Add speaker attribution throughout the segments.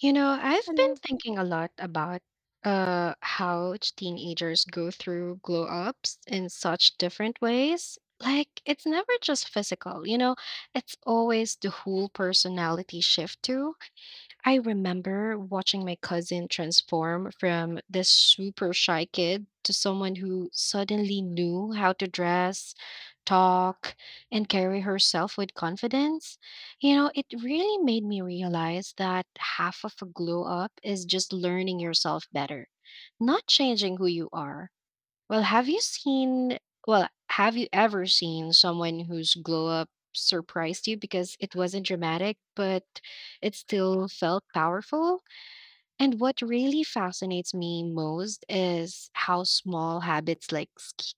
Speaker 1: You know, I've been
Speaker 2: Hello.
Speaker 1: thinking a lot about how teenagers go through glow ups in such different ways. Like it's never just physical, you know, it's always the whole personality shift too. I remember watching my cousin transform from this super shy kid to someone who suddenly knew how to dress, talk, and carry herself with confidence. You know, it really made me realize that half of a glow up is just learning yourself better, not changing who you are. Well, have you seen well, have you ever seen someone whose glow up surprised you because it wasn't dramatic, but it still felt powerful? And what really fascinates me most is how small habits like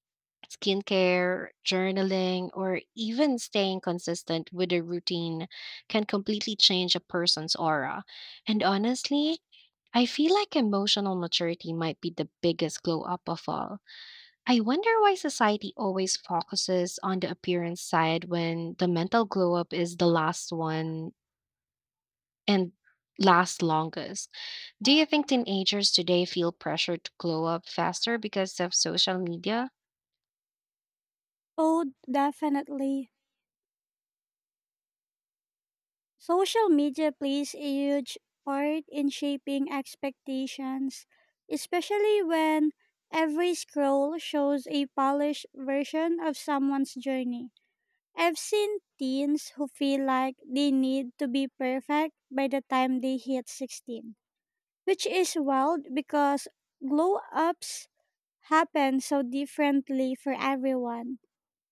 Speaker 1: skincare, journaling, or even staying consistent with a routine can completely change a person's aura. And honestly, I feel like emotional maturity might be the biggest glow up of all. I wonder why society always focuses on the appearance side when the mental glow up is the last one and lasts longest. Do you think teenagers today feel pressure to glow up faster because of social media?
Speaker 2: Oh, definitely. Social media plays a huge part in shaping expectations, especially when every scroll shows a polished version of someone's journey. I've seen teens who feel like they need to be perfect by the time they hit 16, which is wild because glow ups happen so differently for everyone.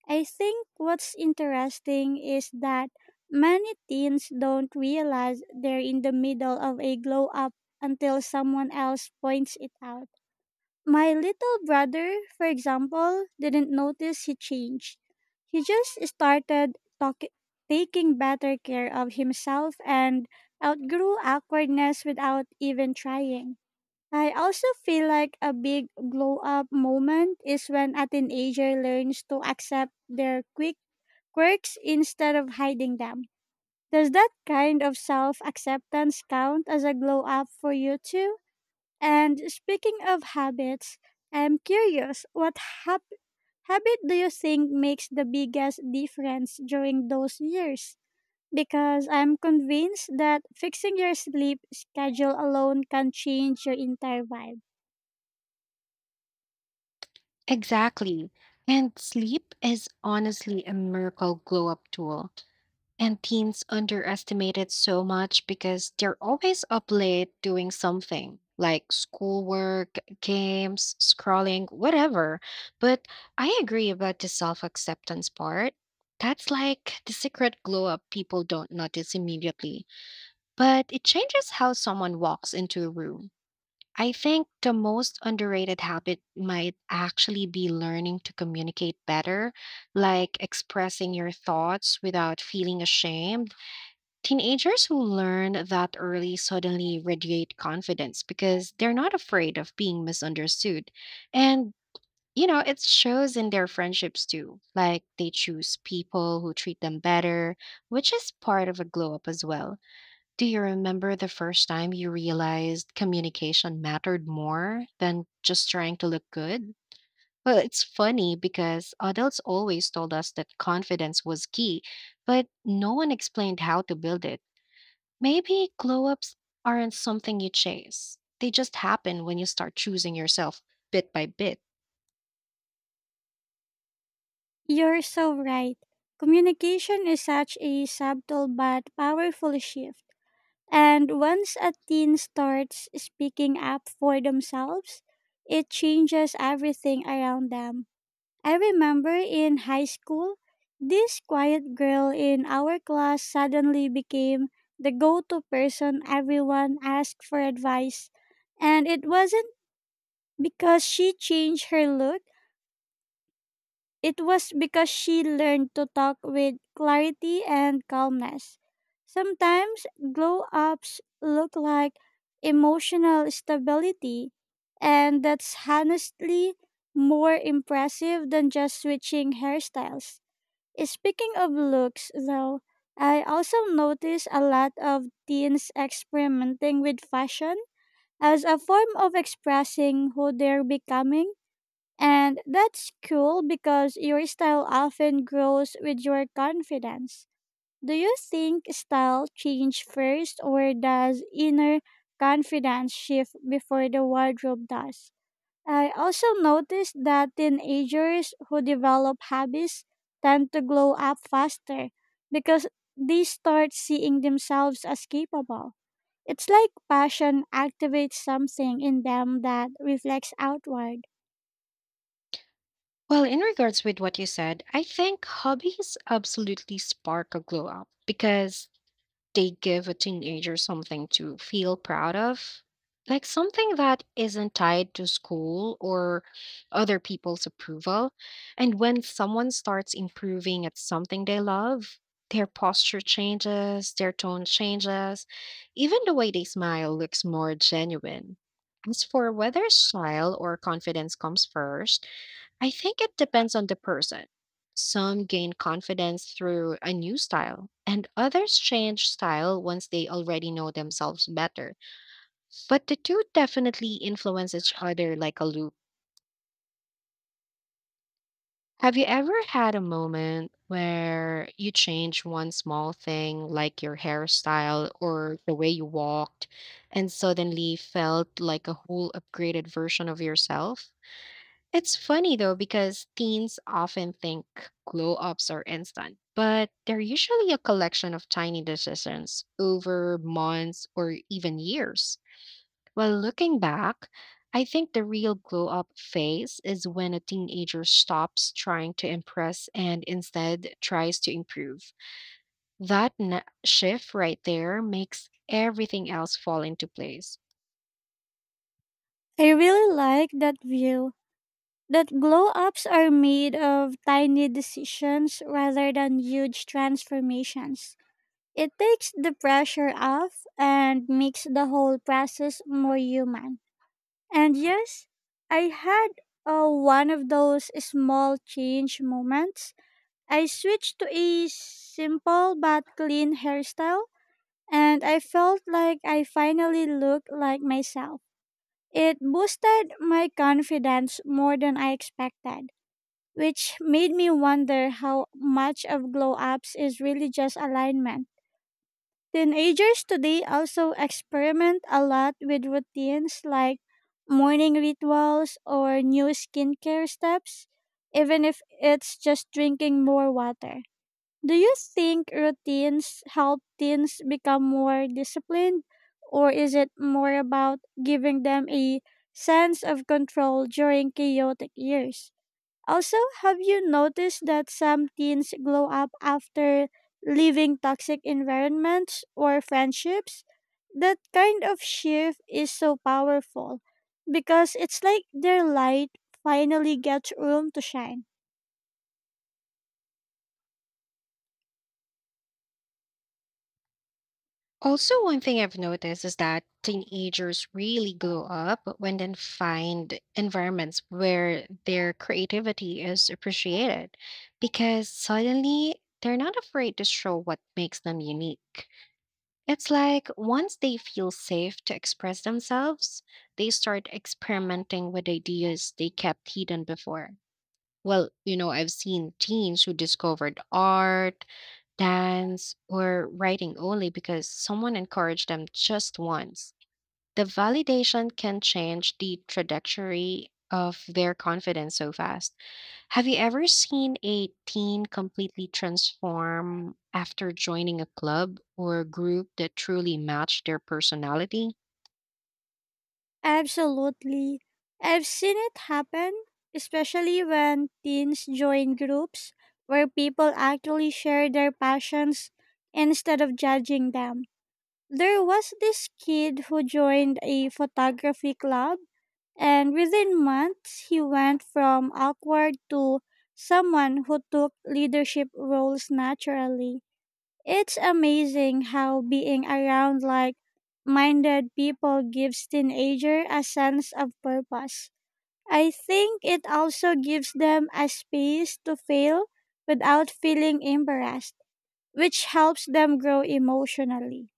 Speaker 2: I think what's interesting is that many teens don't realize they're in the middle of a glow up until someone else points it out. My little brother, for example, didn't notice he changed. He just started taking better care of himself and outgrew awkwardness without even trying. I also feel like a big glow up moment is when a teenager learns to accept their quick quirks instead of hiding them. Does that kind of self acceptance count as a glow up for you too? And speaking of habits, I'm curious what hab- habit do you think makes the biggest difference during those years? Because I'm convinced that fixing your sleep schedule alone can change your entire vibe.
Speaker 1: Exactly. And sleep is honestly a miracle glow up tool. And teens underestimated so much because they're always up late doing something like schoolwork, games, scrolling, whatever. But I agree about the self acceptance part. That's like the secret glow up people don't notice immediately, but it changes how someone walks into a room. I think the most underrated habit might actually be learning to communicate better, like expressing your thoughts without feeling ashamed. Teenagers who learn that early suddenly radiate confidence because they're not afraid of being misunderstood. And, you know, it shows in their friendships too. Like they choose people who treat them better, which is part of a glow up as well. Do you remember the first time you realized communication mattered more than just trying to look good? Well, it's funny because adults always told us that confidence was key, but no one explained how to build it. Maybe glow ups aren't something you chase. They just happen when you start choosing yourself bit by bit.
Speaker 2: You're so right. Communication is such a subtle but powerful shift. And once a teen starts speaking up for themselves, it changes everything around them. I remember in high school, this quiet girl in our class suddenly became the go to person everyone asked for advice. And it wasn't because she changed her look, it was because she learned to talk with clarity and calmness. Sometimes glow ups look like emotional stability, and that's honestly more impressive than just switching hairstyles. Speaking of looks, though, I also notice a lot of teens experimenting with fashion as a form of expressing who they're becoming, and that's cool because your style often grows with your confidence. Do you think style change first or does inner confidence shift before the wardrobe does? I also noticed that teenagers who develop habits tend to glow up faster because they start seeing themselves as capable. It's like passion activates something in them that reflects outward.
Speaker 1: Well, in regards with what you said, I think hobbies absolutely spark a glow up because they give a teenager something to feel proud of, like something that isn't tied to school or other people's approval. And when someone starts improving at something they love, their posture changes, their tone changes, even the way they smile looks more genuine. As for whether style or confidence comes first, I think it depends on the person. Some gain confidence through a new style, and others change style once they already know themselves better. But the two definitely influence each other like a loop. Have you ever had a moment where you changed one small thing, like your hairstyle or the way you walked, and suddenly felt like a whole upgraded version of yourself? It's funny though because teens often think glow ups are instant, but they're usually a collection of tiny decisions over months or even years. While looking back, I think the real glow up phase is when a teenager stops trying to impress and instead tries to improve. That shift right there makes everything else fall into place.
Speaker 2: I really like that view. That glow ups are made of tiny decisions rather than huge transformations. It takes the pressure off and makes the whole process more human. And yes, I had one of those small change moments. I switched to a simple but clean hairstyle, and I felt like I finally looked like myself. It boosted my confidence more than I expected, which made me wonder how much of glow ups is really just alignment. Teenagers today also experiment a lot with routines like morning rituals or new skincare steps, even if it's just drinking more water. Do you think routines help teens become more disciplined, or is it more about giving them a sense of control during chaotic years? Also, have you noticed that some teens glow up after leaving toxic environments or friendships? That kind of shift is so powerful because it's like their light finally gets room to shine.
Speaker 1: Also, one thing I've noticed is that teenagers really glow up when they find environments where their creativity is appreciated because suddenly they're not afraid to show what makes them unique. It's like once they feel safe to express themselves, they start experimenting with ideas they kept hidden before. Well, you know, I've seen teens who discovered art, dance, or writing only because someone encouraged them just once. The validation can change the trajectory of their confidence so fast. Have you ever seen a teen completely transform after joining a club or group that truly matched their personality?
Speaker 2: Absolutely. I've seen it happen, especially when teens join groups where people actually share their passions instead of judging them. There was this kid who joined a photography club, and within months, he went from awkward to someone who took leadership roles naturally. It's amazing how being around like minded people gives teenager a sense of purpose. I think it also gives them a space to fail without feeling embarrassed, which helps them grow emotionally.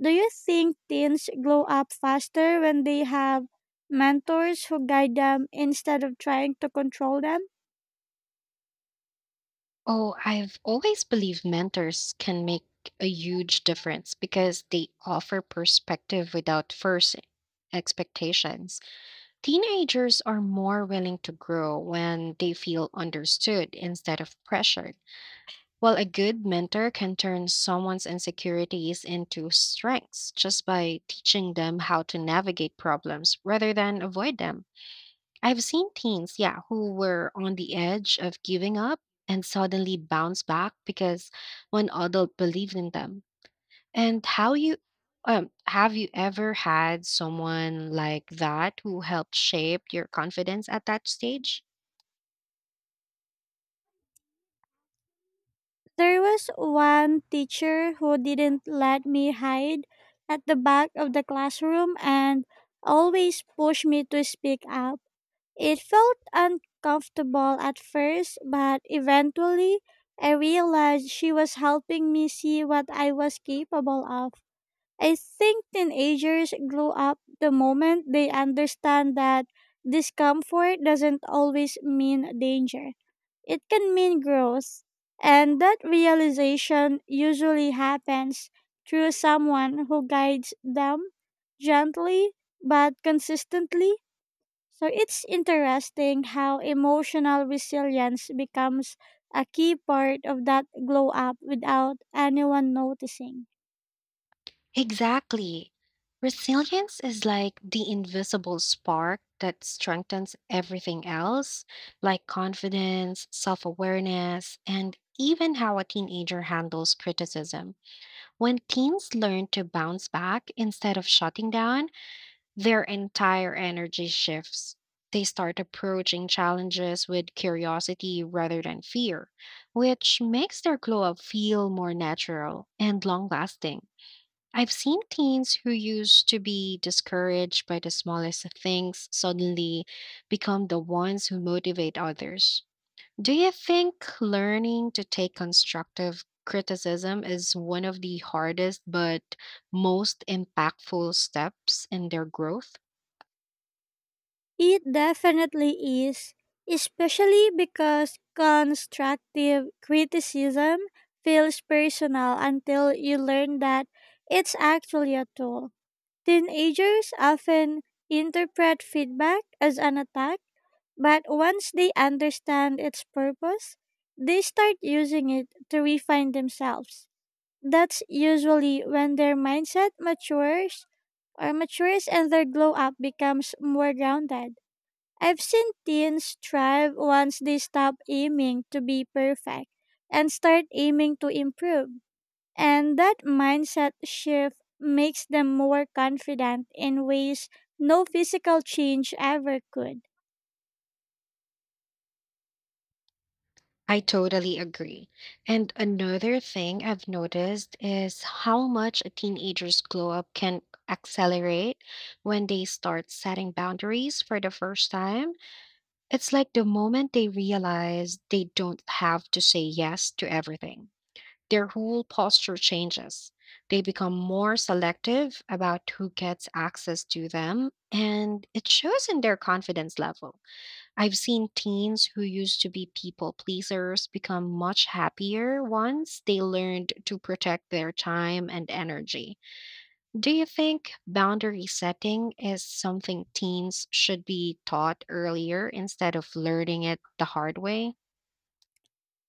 Speaker 2: Do you think teens grow up faster when they have mentors who guide them instead of trying to control them?
Speaker 1: Oh, I've always believed mentors can make a huge difference because they offer perspective without first expectations. Teenagers are more willing to grow when they feel understood instead of pressured, while a good mentor can turn someone's insecurities into strengths just by teaching them how to navigate problems rather than avoid them. I've seen teens, yeah, who were on the edge of giving up and suddenly bounce back because one adult believed in them. And how you Have you ever had someone like that who helped shape your confidence at that stage?
Speaker 2: There was one teacher who didn't let me hide at the back of the classroom and always pushed me to speak up. It felt uncomfortable at first, but eventually I realized she was helping me see what I was capable of. I think teenagers grow up the moment they understand that discomfort doesn't always mean danger. It can mean growth, and that realization usually happens through someone who guides them gently but consistently. So it's interesting how emotional resilience becomes a key part of that glow up without anyone noticing.
Speaker 1: Exactly. Resilience is like the invisible spark that strengthens everything else, like confidence, self awareness, and even how a teenager handles criticism. When teens learn to bounce back instead of shutting down, their entire energy shifts. They start approaching challenges with curiosity rather than fear, which makes their glow up feel more natural and long lasting. I've seen teens who used to be discouraged by the smallest of things suddenly become the ones who motivate others. Do you think learning to take constructive criticism is one of the hardest but most impactful steps in their growth?
Speaker 2: It definitely is, especially because constructive criticism feels personal until you learn that it's actually a tool. Teenagers often interpret feedback as an attack, but once they understand its purpose, they start using it to refine themselves. That's usually when their mindset matures and their glow up becomes more grounded. I've seen teens thrive once they stop aiming to be perfect and start aiming to improve. And that mindset shift makes them more confident in ways no physical change ever could.
Speaker 1: I totally agree. And another thing I've noticed is how much a teenager's glow up can accelerate when they start setting boundaries for the first time. It's like the moment they realize they don't have to say yes to everything, their whole posture changes. They become more selective about who gets access to them, and it shows in their confidence level. I've seen teens who used to be people pleasers become much happier once they learned to protect their time and energy. Do you think boundary setting is something teens should be taught earlier instead of learning it the hard way?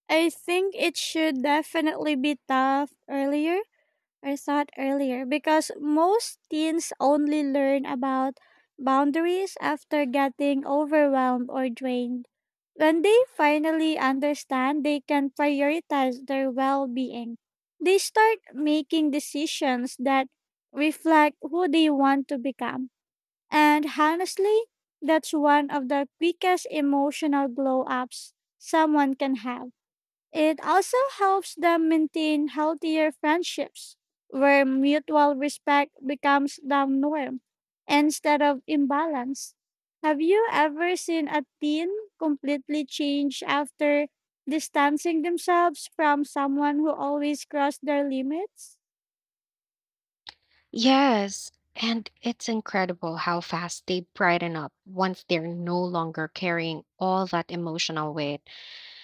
Speaker 2: I think it should definitely be I thought earlier, because most teens only learn about boundaries after getting overwhelmed or drained. When they finally understand they can prioritize their well being, they start making decisions that reflect who they want to become. And honestly, that's one of the quickest emotional glow ups someone can have. It also helps them maintain healthier friendships where mutual respect becomes the norm instead of imbalance. Have you ever seen a teen completely change after distancing themselves from someone who always crossed their limits?
Speaker 1: Yes, and it's incredible how fast they brighten up once they're no longer carrying all that emotional weight.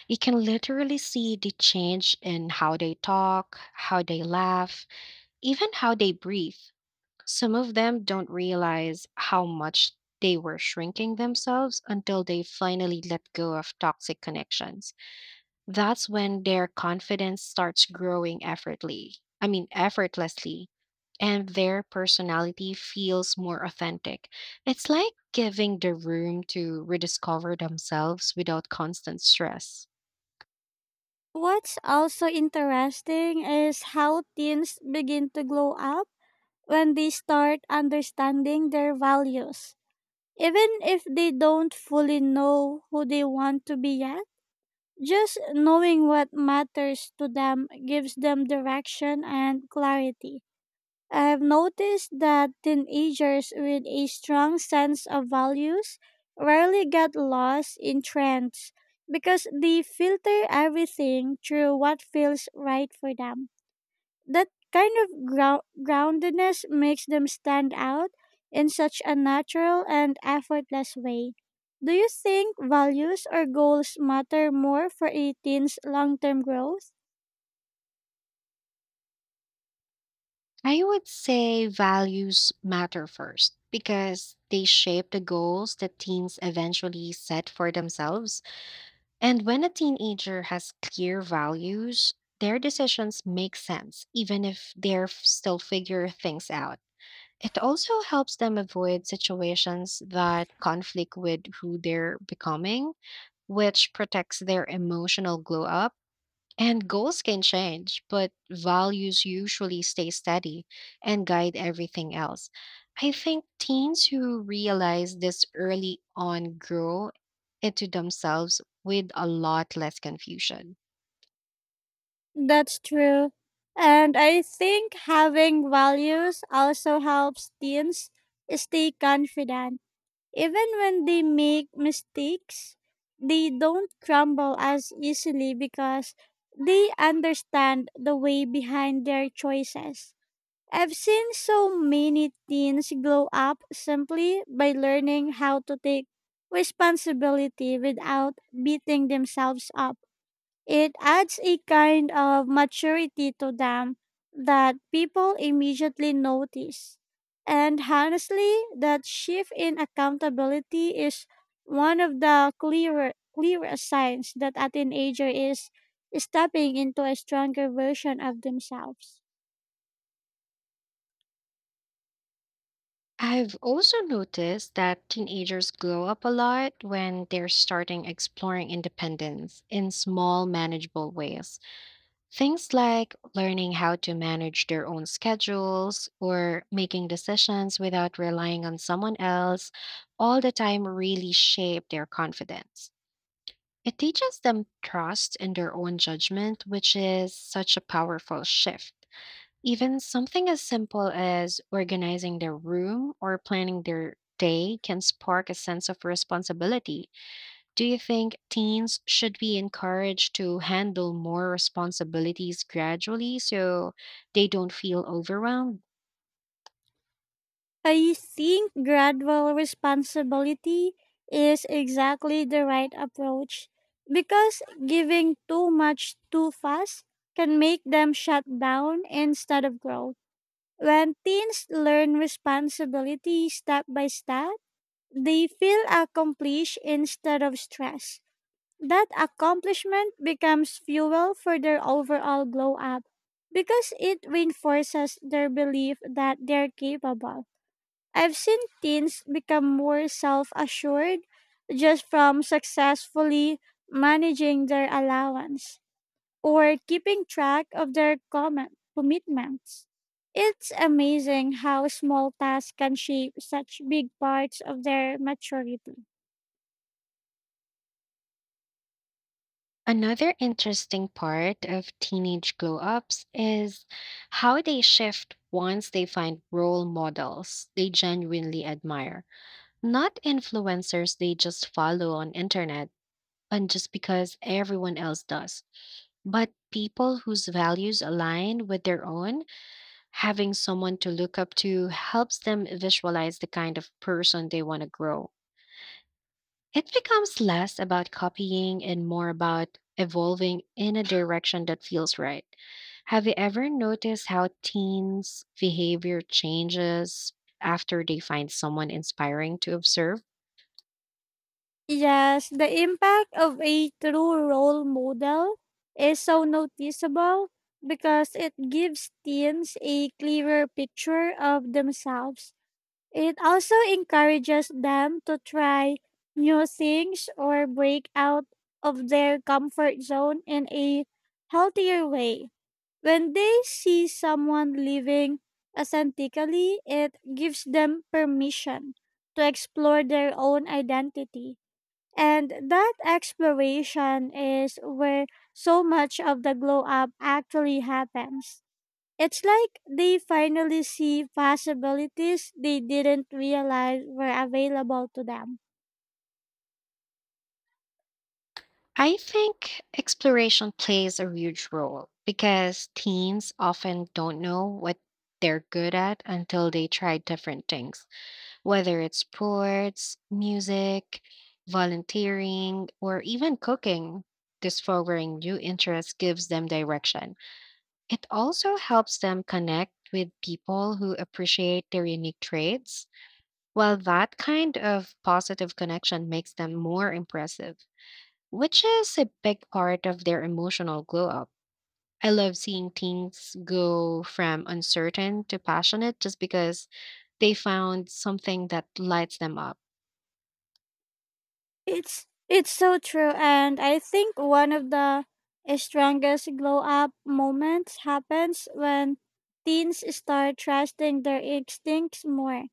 Speaker 1: You can literally see the change in how they talk, how they laugh, even how they breathe. Some of them don't realize how much they were shrinking themselves until they finally let go of toxic connections. That's when their confidence starts growing effortlessly. I mean, effortlessly. And their personality feels more authentic. It's like giving the room to rediscover themselves without constant stress.
Speaker 2: What's also interesting is how teens begin to glow up when they start understanding their values. Even if they don't fully know who they want to be yet, just knowing what matters to them gives them direction and clarity. I've noticed that teenagers with a strong sense of values rarely get lost in trends because they filter everything through what feels right for them. That kind of groundedness makes them stand out in such a natural and effortless way. Do you think values or goals matter more for a teen's long term growth?
Speaker 1: I would say values matter first because they shape the goals that teens eventually set for themselves. And when a teenager has clear values, their decisions make sense, even if they're still figure things out. It also helps them avoid situations that conflict with who they're becoming, which protects their emotional glow up. And goals can change, but values usually stay steady and guide everything else. I think teens who realize this early on grow into themselves with a lot less confusion.
Speaker 2: That's true. And I think having values also helps teens stay confident. Even when they make mistakes, they don't crumble as easily because they understand the way behind their choices. I've seen so many teens grow up simply by learning how to take responsibility without beating themselves up. It adds a kind of maturity to them that people immediately notice. And honestly, that shift in accountability is one of the clearest signs that a teenager is stepping into a stronger version of themselves.
Speaker 1: I've also noticed that teenagers glow up a lot when they're starting exploring independence in small, manageable ways. Things like learning how to manage their own schedules or making decisions without relying on someone else all the time really shape their confidence. It teaches them trust in their own judgment, which is such a powerful shift. Even something as simple as organizing their room or planning their day can spark a sense of responsibility. Do you think teens should be encouraged to handle more responsibilities gradually so they don't feel overwhelmed?
Speaker 2: I think gradual responsibility is exactly the right approach because giving too much too fast can make them shut down instead of grow. When teens learn responsibility step by step, they feel accomplished instead of stress. That accomplishment becomes fuel for their overall glow up because it reinforces their belief that they're capable. I've seen teens become more self assured just from successfully managing their allowance or keeping track of their commitments. It's amazing how small tasks can shape such big parts of their maturity.
Speaker 1: Another interesting part of teenage glow ups is how they shift once they find role models they genuinely admire, not influencers they just follow on internet and just because everyone else does, but people whose values align with their own. Having someone to look up to helps them visualize the kind of person they want to grow. It becomes less about copying and more about evolving in a direction that feels right. Have you ever noticed how teens' behavior changes after they find someone inspiring to observe?
Speaker 2: Yes, the impact of a true role model is so noticeable because it gives teens a clearer picture of themselves. It also encourages them to try new things or break out of their comfort zone in a healthier way. When they see someone living authentically, it gives them permission to explore their own identity. And that exploration is where so much of the glow up actually happens. It's like they finally see possibilities they didn't realize were available to them.
Speaker 1: I think exploration plays a huge role because teens often don't know what they're good at until they try different things, whether it's sports, music, volunteering, or even cooking. Discovering new interests gives them direction. It also helps them connect with people who appreciate their unique traits. While that kind of positive connection makes them more impressive, which is a big part of their emotional glow up. I love seeing teens go from uncertain to passionate just because they found something that lights them up.
Speaker 2: It's so true, and I think one of the strongest glow up moments happens when teens start trusting their instincts more.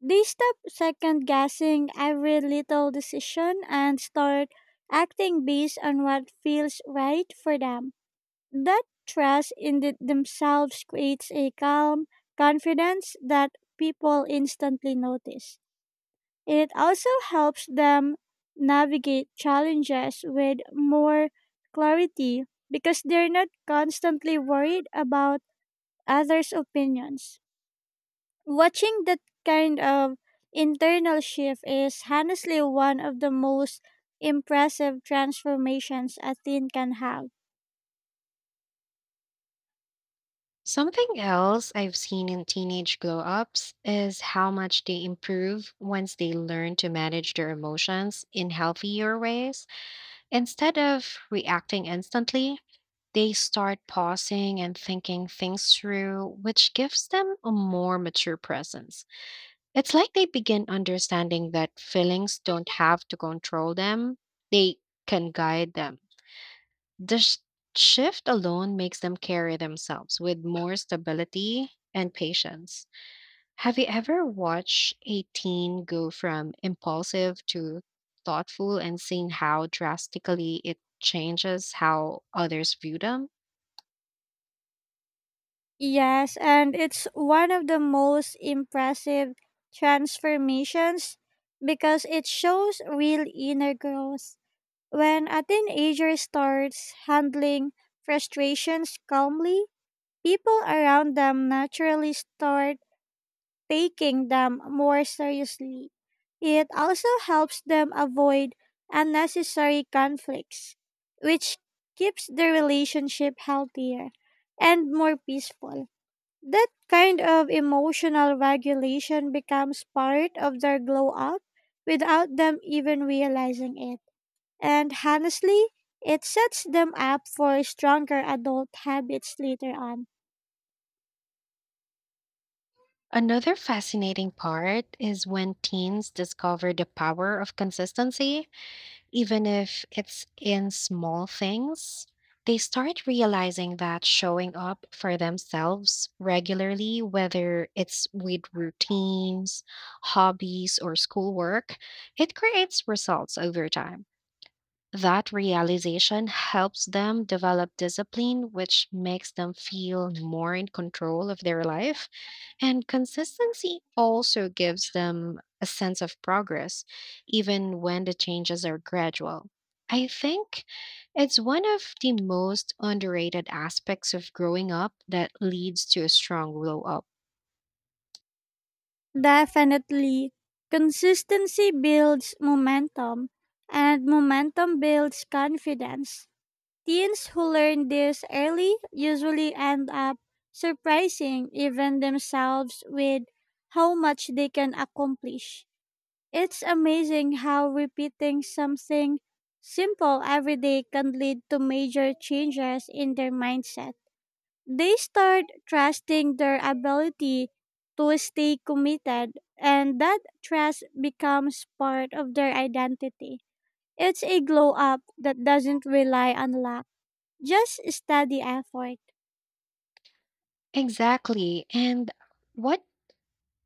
Speaker 2: They stop second guessing every little decision and start acting based on what feels right for them. That trust in themselves creates a calm confidence that people instantly notice. It also helps them navigate challenges with more clarity because they're not constantly worried about others' opinions. Watching that kind of internal shift is honestly one of the most impressive transformations a teen can have.
Speaker 1: Something else I've seen in teenage glow ups is how much they improve once they learn to manage their emotions in healthier ways. Instead of reacting instantly, they start pausing and thinking things through, which gives them a more mature presence. It's like they begin understanding that feelings don't have to control them, they can guide them. The shift alone makes them carry themselves with more stability and patience. Have you ever watched a teen go from impulsive to thoughtful and seen how drastically it changes how others view them?
Speaker 2: Yes, and it's one of the most impressive transformations because it shows real inner growth. When a teenager starts handling frustrations calmly, people around them naturally start taking them more seriously. It also helps them avoid unnecessary conflicts, which keeps the relationship healthier and more peaceful. That kind of emotional regulation becomes part of their glow up without them even realizing it. And honestly, it sets them up for stronger adult habits later on.
Speaker 1: Another fascinating part is when teens discover the power of consistency. Even if it's in small things, they start realizing that showing up for themselves regularly, whether it's with routines, hobbies, or schoolwork, it creates results over time. That realization helps them develop discipline, which makes them feel more in control of their life, and consistency also gives them a sense of progress, even when the changes are gradual. I think it's one of the most underrated aspects of growing up that leads to a strong glow up.
Speaker 2: Definitely, consistency builds momentum, and momentum builds confidence. Teens who learn this early usually end up surprising even themselves with how much they can accomplish. It's amazing how repeating something simple every day can lead to major changes in their mindset. They start trusting their ability to stay committed, and that trust becomes part of their identity. It's a glow up that doesn't rely on luck, just steady effort.
Speaker 1: Exactly. And what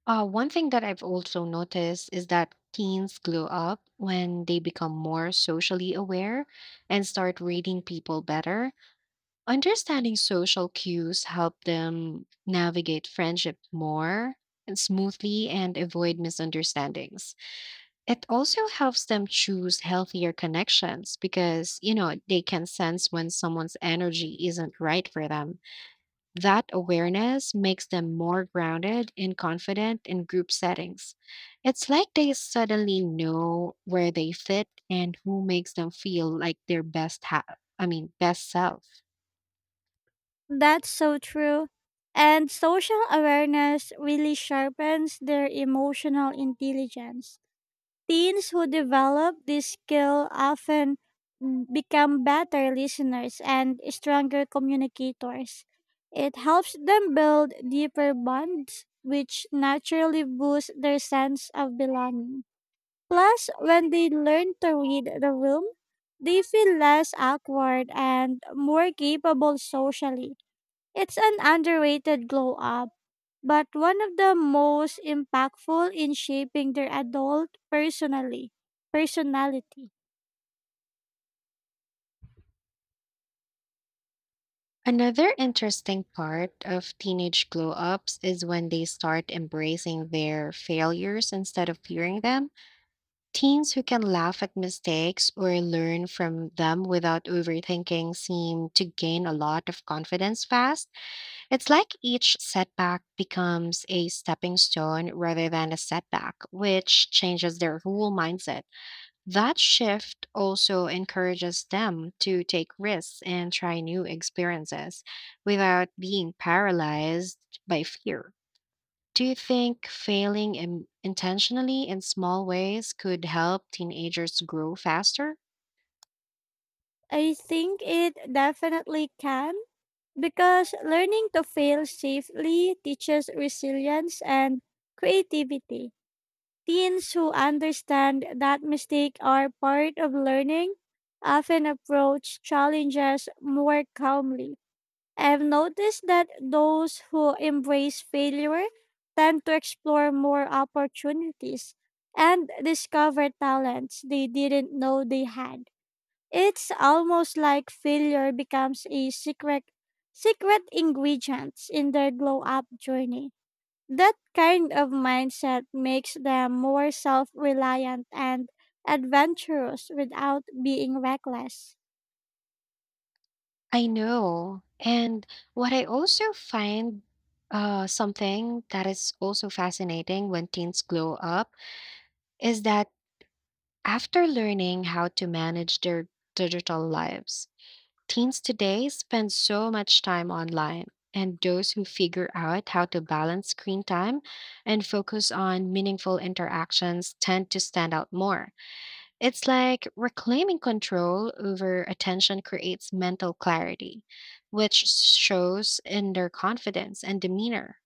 Speaker 1: one thing that I've also noticed is that teens glow up when they become more socially aware and start reading people better. Understanding social cues help them navigate friendship more and smoothly and avoid misunderstandings. It also helps them choose healthier connections because, you know, they can sense when someone's energy isn't right for them. That awareness makes them more grounded and confident in group settings. It's like they suddenly know where they fit and who makes them feel like their I mean, best self.
Speaker 2: That's so true. And social awareness really sharpens their emotional intelligence. Teens who develop this skill often become better listeners and stronger communicators. It helps them build deeper bonds, which naturally boosts their sense of belonging. Plus, when they learn to read the room, they feel less awkward and more capable socially. It's an underrated glow up, but one of the most impactful in shaping their adult personally personality.
Speaker 1: Another interesting part of teenage glow ups is when they start embracing their failures instead of fearing them. Teens who can laugh at mistakes or learn from them without overthinking seem to gain a lot of confidence fast. It's like each setback becomes a stepping stone rather than a setback, which changes their whole mindset. That shift also encourages them to take risks and try new experiences without being paralyzed by fear. Do you think failing intentionally in small ways could help teenagers grow faster?
Speaker 2: I think it definitely can because learning to fail safely teaches resilience and creativity. Teens who understand that mistakes are part of learning often approach challenges more calmly. I've noticed that those who embrace failure tend to explore more opportunities and discover talents they didn't know they had. It's almost like failure becomes a secret ingredient in their glow up journey. That kind of mindset makes them more self-reliant and adventurous without being reckless.
Speaker 1: I know. And what I also find Something that is also fascinating when teens grow up is that after learning how to manage their digital lives, teens today spend so much time online, and those who figure out how to balance screen time and focus on meaningful interactions tend to stand out more. It's like reclaiming control over attention creates mental clarity, which shows in their confidence and demeanor.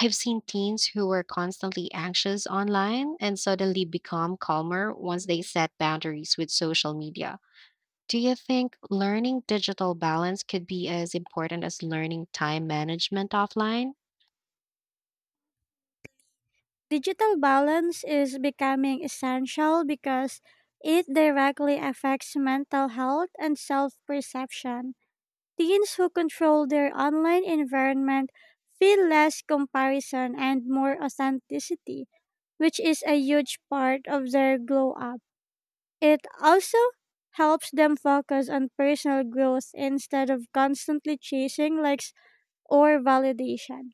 Speaker 1: I've seen teens who were constantly anxious online and suddenly become calmer once they set boundaries with social media. Do you think learning digital balance could be as important as learning time management offline?
Speaker 2: Digital balance is becoming essential because it directly affects mental health and self perception. Teens who control their online environment feel less comparison and more authenticity, which is a huge part of their glow up. It also helps them focus on personal growth instead of constantly chasing likes or validation.